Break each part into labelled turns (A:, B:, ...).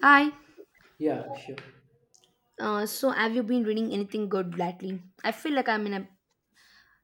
A: Hi.
B: Yeah, sure.
A: So have you been reading anything good lately? I feel like I'm in a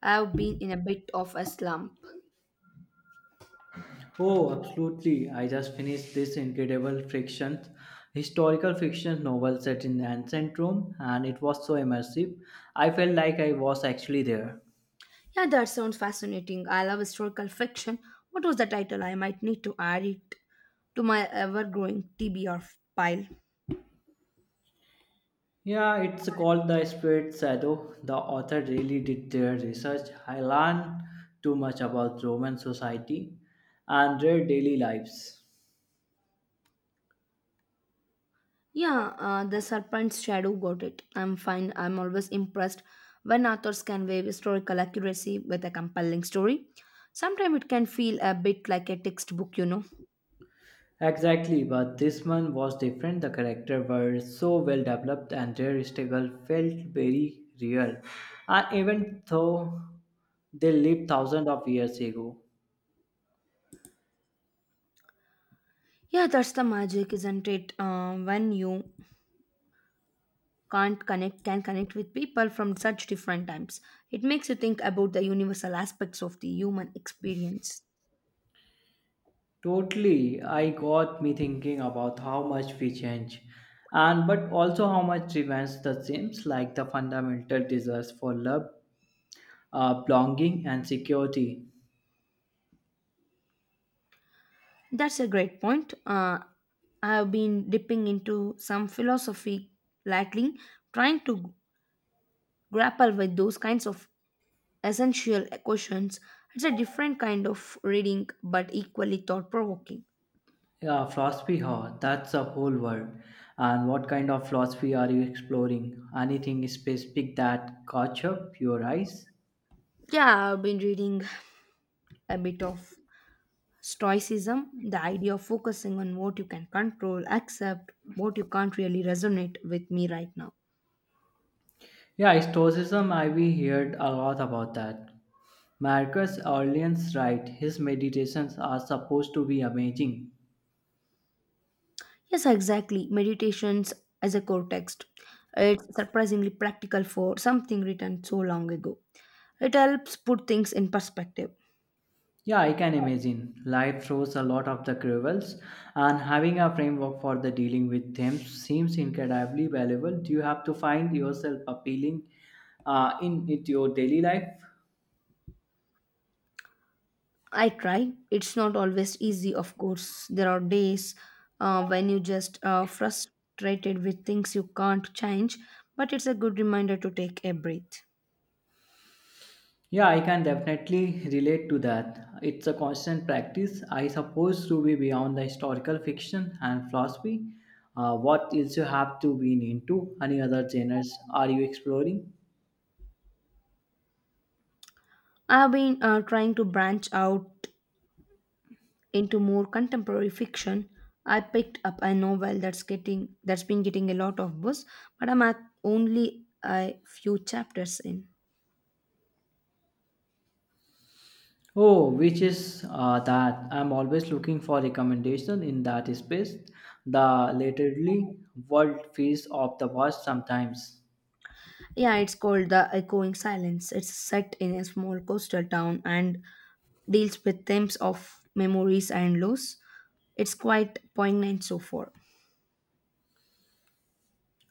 A: I've been in a bit of a slump.
B: Oh, absolutely. I just finished this incredible fiction, historical fiction novel set in ancient Rome, and it was so immersive. I felt like I was actually there.
A: Yeah, that sounds fascinating. I love historical fiction. What was the title? I might need to add it to my ever-growing TBR pile.
B: Yeah, it's called The Spirit Shadow. The author really did their research. I learned too much about Roman society and their daily lives.
A: Yeah, The Serpent's Shadow, got it. I'm fine. I'm always impressed when authors can weave historical accuracy with a compelling story. Sometimes it can feel a bit like a textbook,
B: Exactly, but this one was different. The characters were so well developed and their struggle felt very real. And even though they lived thousands of years ago,
A: Yeah, that's the magic, isn't it? When you can't connect can connect with people from such different times, it makes you think about the universal aspects of the human experience.
B: totally I got me thinking about how much we change and but also how much remains the same, like the fundamental desires for love, belonging and security.
A: That's a great point. I have been dipping into some philosophy lately, trying to grapple with those kinds of essential questions. It's a different kind of reading but equally thought provoking.
B: Yeah, philosophy, huh? That's a whole world. And what kind of philosophy are you exploring? Anything specific that caught up your eyes?
A: Yeah, I've been reading a bit of stoicism, the idea of focusing on what you can control, accept what you can't, really resonate with me right now.
B: Yeah, Stoicism, I have heard a lot about that. Marcus Aurelius, right, his meditations are supposed to be amazing.
A: Yes, exactly. Meditations as a core text. It's surprisingly practical for something written so long ago. It helps put things in perspective.
B: Yeah, I can imagine. Life throws a lot of the quibbles, and having a framework for the dealing with them seems incredibly valuable. Do you have to find yourself appealing in it your daily life?
A: I try. It's not always easy, of course. There are days when you just frustrated with things you can't change, but it's a good reminder to take a breath.
B: Yeah, I can definitely relate to that. It's a constant practice, I suppose, to be beyond the historical fiction and philosophy. What else you have to been into? Any other genres are you exploring?
A: I've been trying to branch out into more contemporary fiction. I picked up a novel that's been getting a lot of buzz, but I'm at only a few chapters in.
B: Oh, which is that I'm always looking for recommendation in that space. The literally world feels of the past sometimes.
A: Yeah, it's called The Echoing Silence. It's set in a small coastal town and deals with themes of memories and loss. It's quite poignant so far.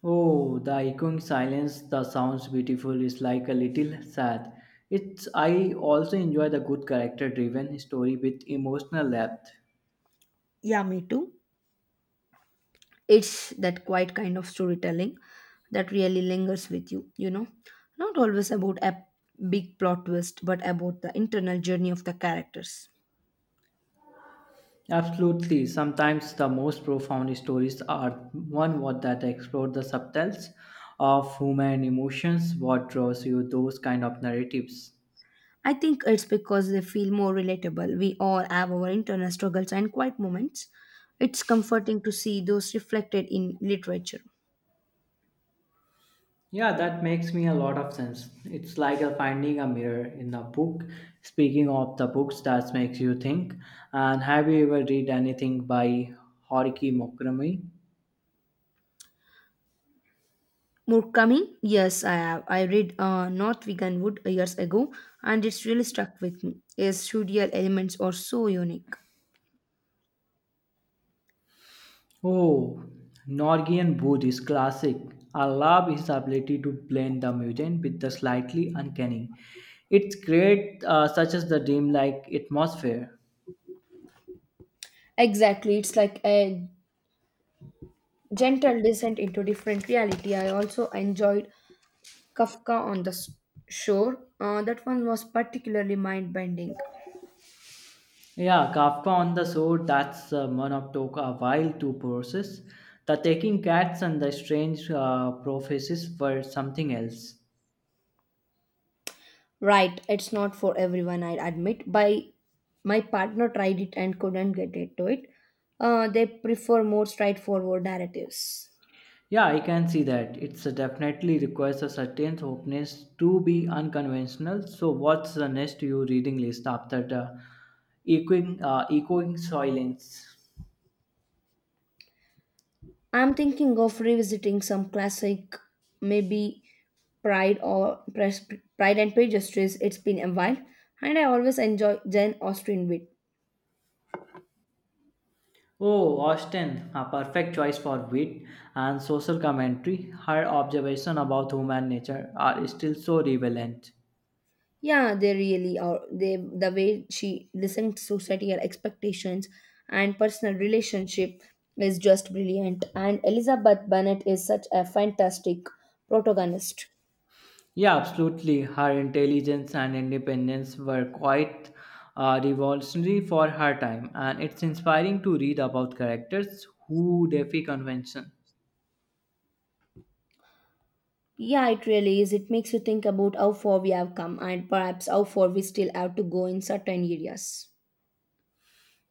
B: Oh, the echoing silence, the sounds beautiful is like a little sad. It's I also enjoy the good character driven story with emotional depth.
A: Yeah, me too. It's that quiet kind of storytelling that really lingers with you, you know. Not always about a big plot twist, but about the internal journey of the characters.
B: Absolutely. Sometimes the most profound stories are one what that explore the subtleties of human emotions, what draws you those kind of narratives.
A: I think it's because they feel more relatable. We all have our internal struggles and quiet moments. It's comforting to see those reflected in literature.
B: Yeah, that makes me a lot of sense. It's like a finding a mirror in a book. Speaking of the books that makes you think, and have you ever read anything by Haruki Murakami?
A: More coming? Yes, I have. I read North Vegan Wood years ago and it's really stuck with me. Its surreal elements are so unique.
B: Oh, Norwegian Buddhist classic. I love his ability to blend the mutant with the slightly uncanny. It creates such as the dreamlike atmosphere.
A: Exactly, it's like a gentle descent into different reality. I also enjoyed Kafka on the S- Shore. That one was particularly mind bending.
B: Yeah, Kafka on the Sword, that's one of took a while to process. The Taking Cats and the Strange Prophecies were something else.
A: Right, it's not for everyone, I admit. By my partner tried it and couldn't get into it. They prefer more straightforward narratives.
B: Yeah, I can see that. It's definitely requires a certain openness to be unconventional. So, what's the next you reading list after the echoing silence?
A: I'm thinking of revisiting some classic, maybe Pride or Pres- Pride and Prejudice. It's been a while, and I always enjoy Jane Austen wit.
B: Oh, Austen, a perfect choice for wit and social commentary. Her observation about human nature are still so relevant.
A: Yeah, they really are. They the way she listens to societal expectations and personal relationship is just brilliant. And Elizabeth Bennet is such a fantastic protagonist.
B: Yeah, absolutely. Her intelligence and independence were quite revolutionary for her time, and it's inspiring to read about characters who defy convention.
A: Yeah, it really is. It makes you think about how far we have come and perhaps how far we still have to go in certain areas.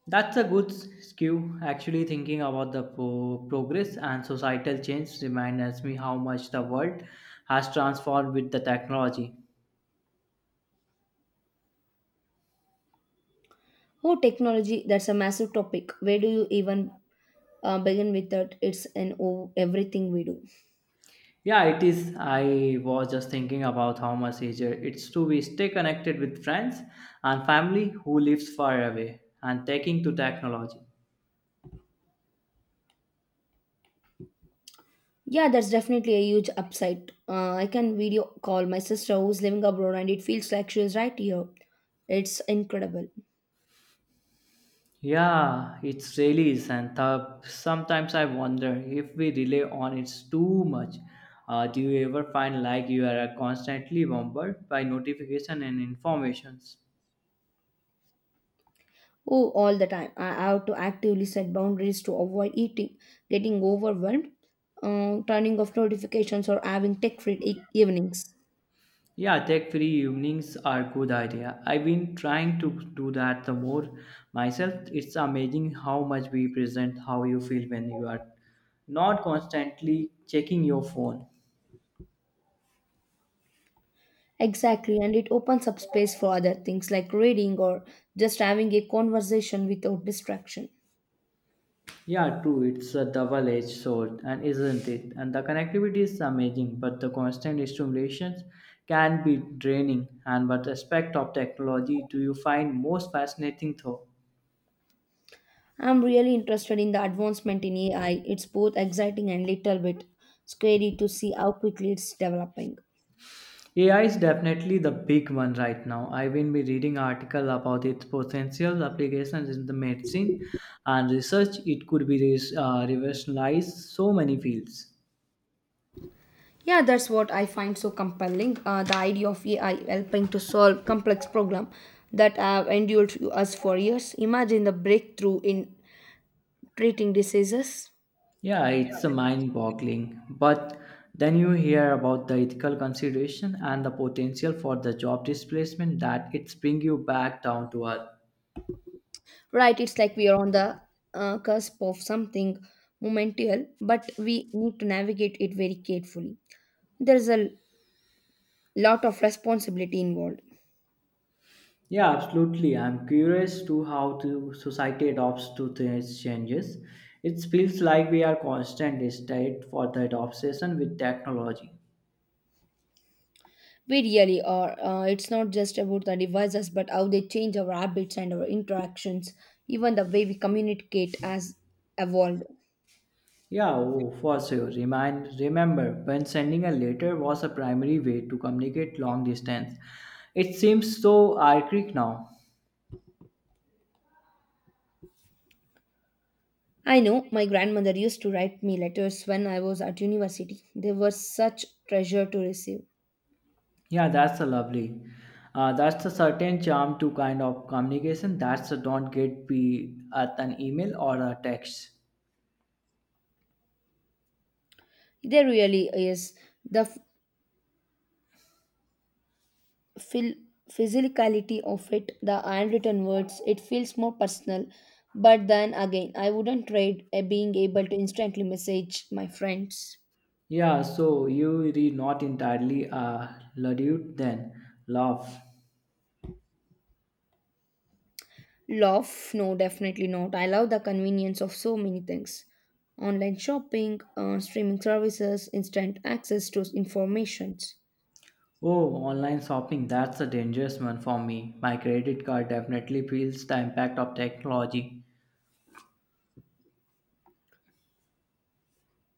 B: That's a good skew. Actually, thinking about the progress and societal change reminds me how much the world has transformed with the technology.
A: Oh, technology, that's a massive topic. Where do you even begin with that? It's in oh, everything we do.
B: Yeah, it is. I was just thinking about how much easier it's to be stay connected with friends and family who lives far away and taking to technology.
A: Yeah, that's definitely a huge upside. I can video call my sister who's living abroad and it feels like she is right here. It's incredible.
B: Yeah, it's really is, and sometimes I wonder if we rely on it too much. Do you ever find like you are constantly bombarded by notification and informations?
A: Oh, all the time. I have to actively set boundaries to avoid eating, getting overwhelmed, turning off notifications, or having tech free evenings.
B: Yeah, tech free evenings are good idea. I've been trying to do that the more myself. It's amazing how much we present how you feel when you are not constantly checking your phone.
A: Exactly, and it opens up space for other things like reading or just having a conversation without distraction.
B: Yeah, true. It's a double edged sword, and isn't it? And the connectivity is amazing, but the constant stimulations can be draining. And what aspect of technology do you find most fascinating, though?
A: I'm really interested in the advancement in AI. It's both exciting and little bit scary to see how quickly it's developing.
B: AI is definitely the big one right now. I've been be reading article about its potential applications in the medicine and research. It could be revolutionize so many fields.
A: Yeah, that's what I find so compelling. The idea of AI helping to solve complex problems that have endured to us for years. Imagine the breakthrough in treating diseases.
B: Yeah, it's a mind-boggling. But then you hear about the ethical consideration and the potential for the job displacement that it's bring you back down to earth.
A: Right, it's like we are on the cusp of something monumental, but we need to navigate it very carefully. There's a lot of responsibility involved.
B: Yeah, absolutely. I'm curious to how the society adopts to these changes. It feels like we are constant state for that obsession with technology.
A: We really are. It's not just about the devices, but how they change our habits and our interactions. Even the way we communicate has evolved.
B: Yeah, oh, for sure. Remember, when sending a letter was a primary way to communicate long distance. It seems so archaic now.
A: I know my grandmother used to write me letters when I was at university. They were such treasure to receive.
B: Yeah, that's a lovely. That's a certain charm to kind of communication that's a don't get be at an email or a text.
A: There really is the phil- physicality of it, the handwritten words. It feels more personal. But then again, I wouldn't trade being able to instantly message my friends.
B: Yeah, so you read not entirely luddite then love.
A: Love? No, definitely not. I love the convenience of so many things, online shopping, streaming services, instant access to informations.
B: Oh, online shopping, that's a dangerous one for me. My credit card definitely feels the impact of technology.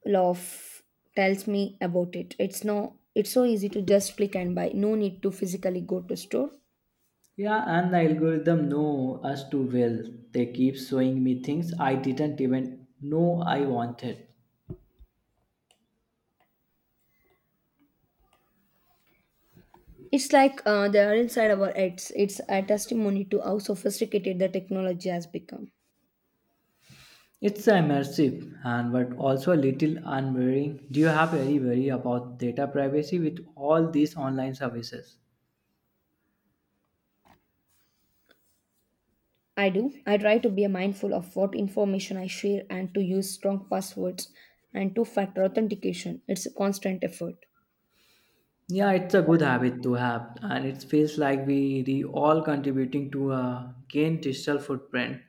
A: Love tells me about it. It's no, it's so easy to just click and buy. No need to physically go to store.
B: Yeah, and the algorithm know us too well. They keep showing me things I didn't even know I wanted.
A: It's like they are inside our heads. It's a testimony to how sophisticated the technology has become.
B: It's immersive and but also a little unwearing. Do you have any worry about data privacy with all these online services?
A: I do. I try to be mindful of what information I share and to use strong passwords and two factor authentication. It's a constant effort.
B: Yeah, it's a good habit to have, and it feels like we re all contributing to a gain digital footprint,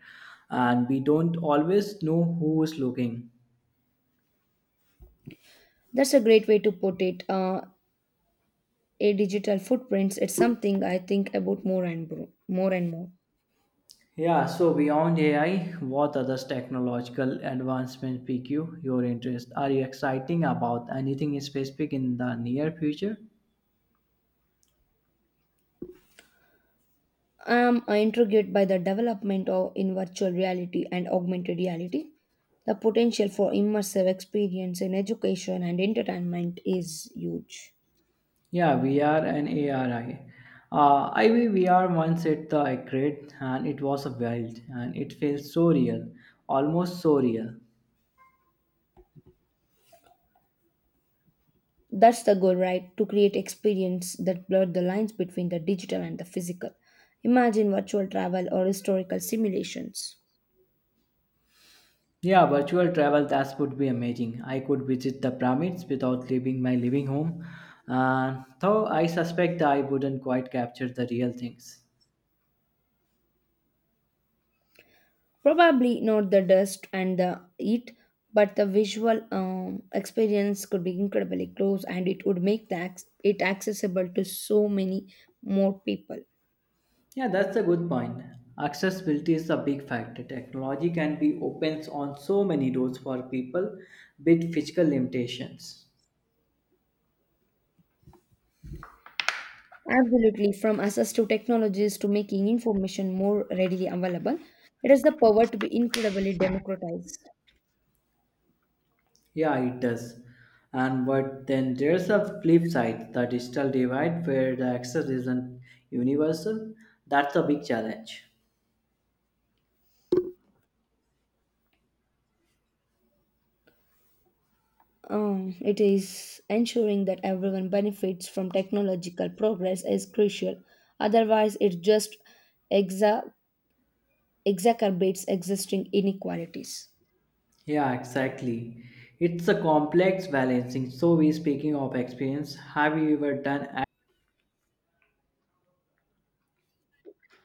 B: and we don't always know who is looking.
A: That's a great way to put it. A digital footprints. It's something I think about more and more.
B: Yeah, so beyond AI, what other technological advancements pique you your interest? Are you exciting about anything specific in the near future?
A: I'm intrigued by the development of in virtual reality and augmented reality. The potential for immersive experience in education and entertainment is huge.
B: Yeah, VR and ARI. I mean, VR once hit the grid and it was a wild and it feels so real, almost so real.
A: That's the goal, right? To create experience that blur the lines between the digital and the physical. Imagine virtual travel or historical simulations.
B: Yeah, virtual travel, that would be amazing. I could visit the pyramids without leaving my living home. Though I suspect I wouldn't quite capture the real things.
A: Probably not the dust and the heat, but the visual experience could be incredibly close and it would make it accessible to so many more people.
B: Yeah, that's a good point. Accessibility is a big factor. Technology can be opens on so many doors for people with physical limitations.
A: Absolutely, from access to technologies to making information more readily available, it has the power to be incredibly democratized.
B: Yeah, it does. And but then there's a flip side, the digital divide where the access isn't universal. That's a big challenge.
A: It is ensuring that everyone benefits from technological progress is crucial. Otherwise, it just exa- exacerbates existing inequalities.
B: Yeah, exactly. It's a complex balancing. So we speaking of experience, have you ever done a-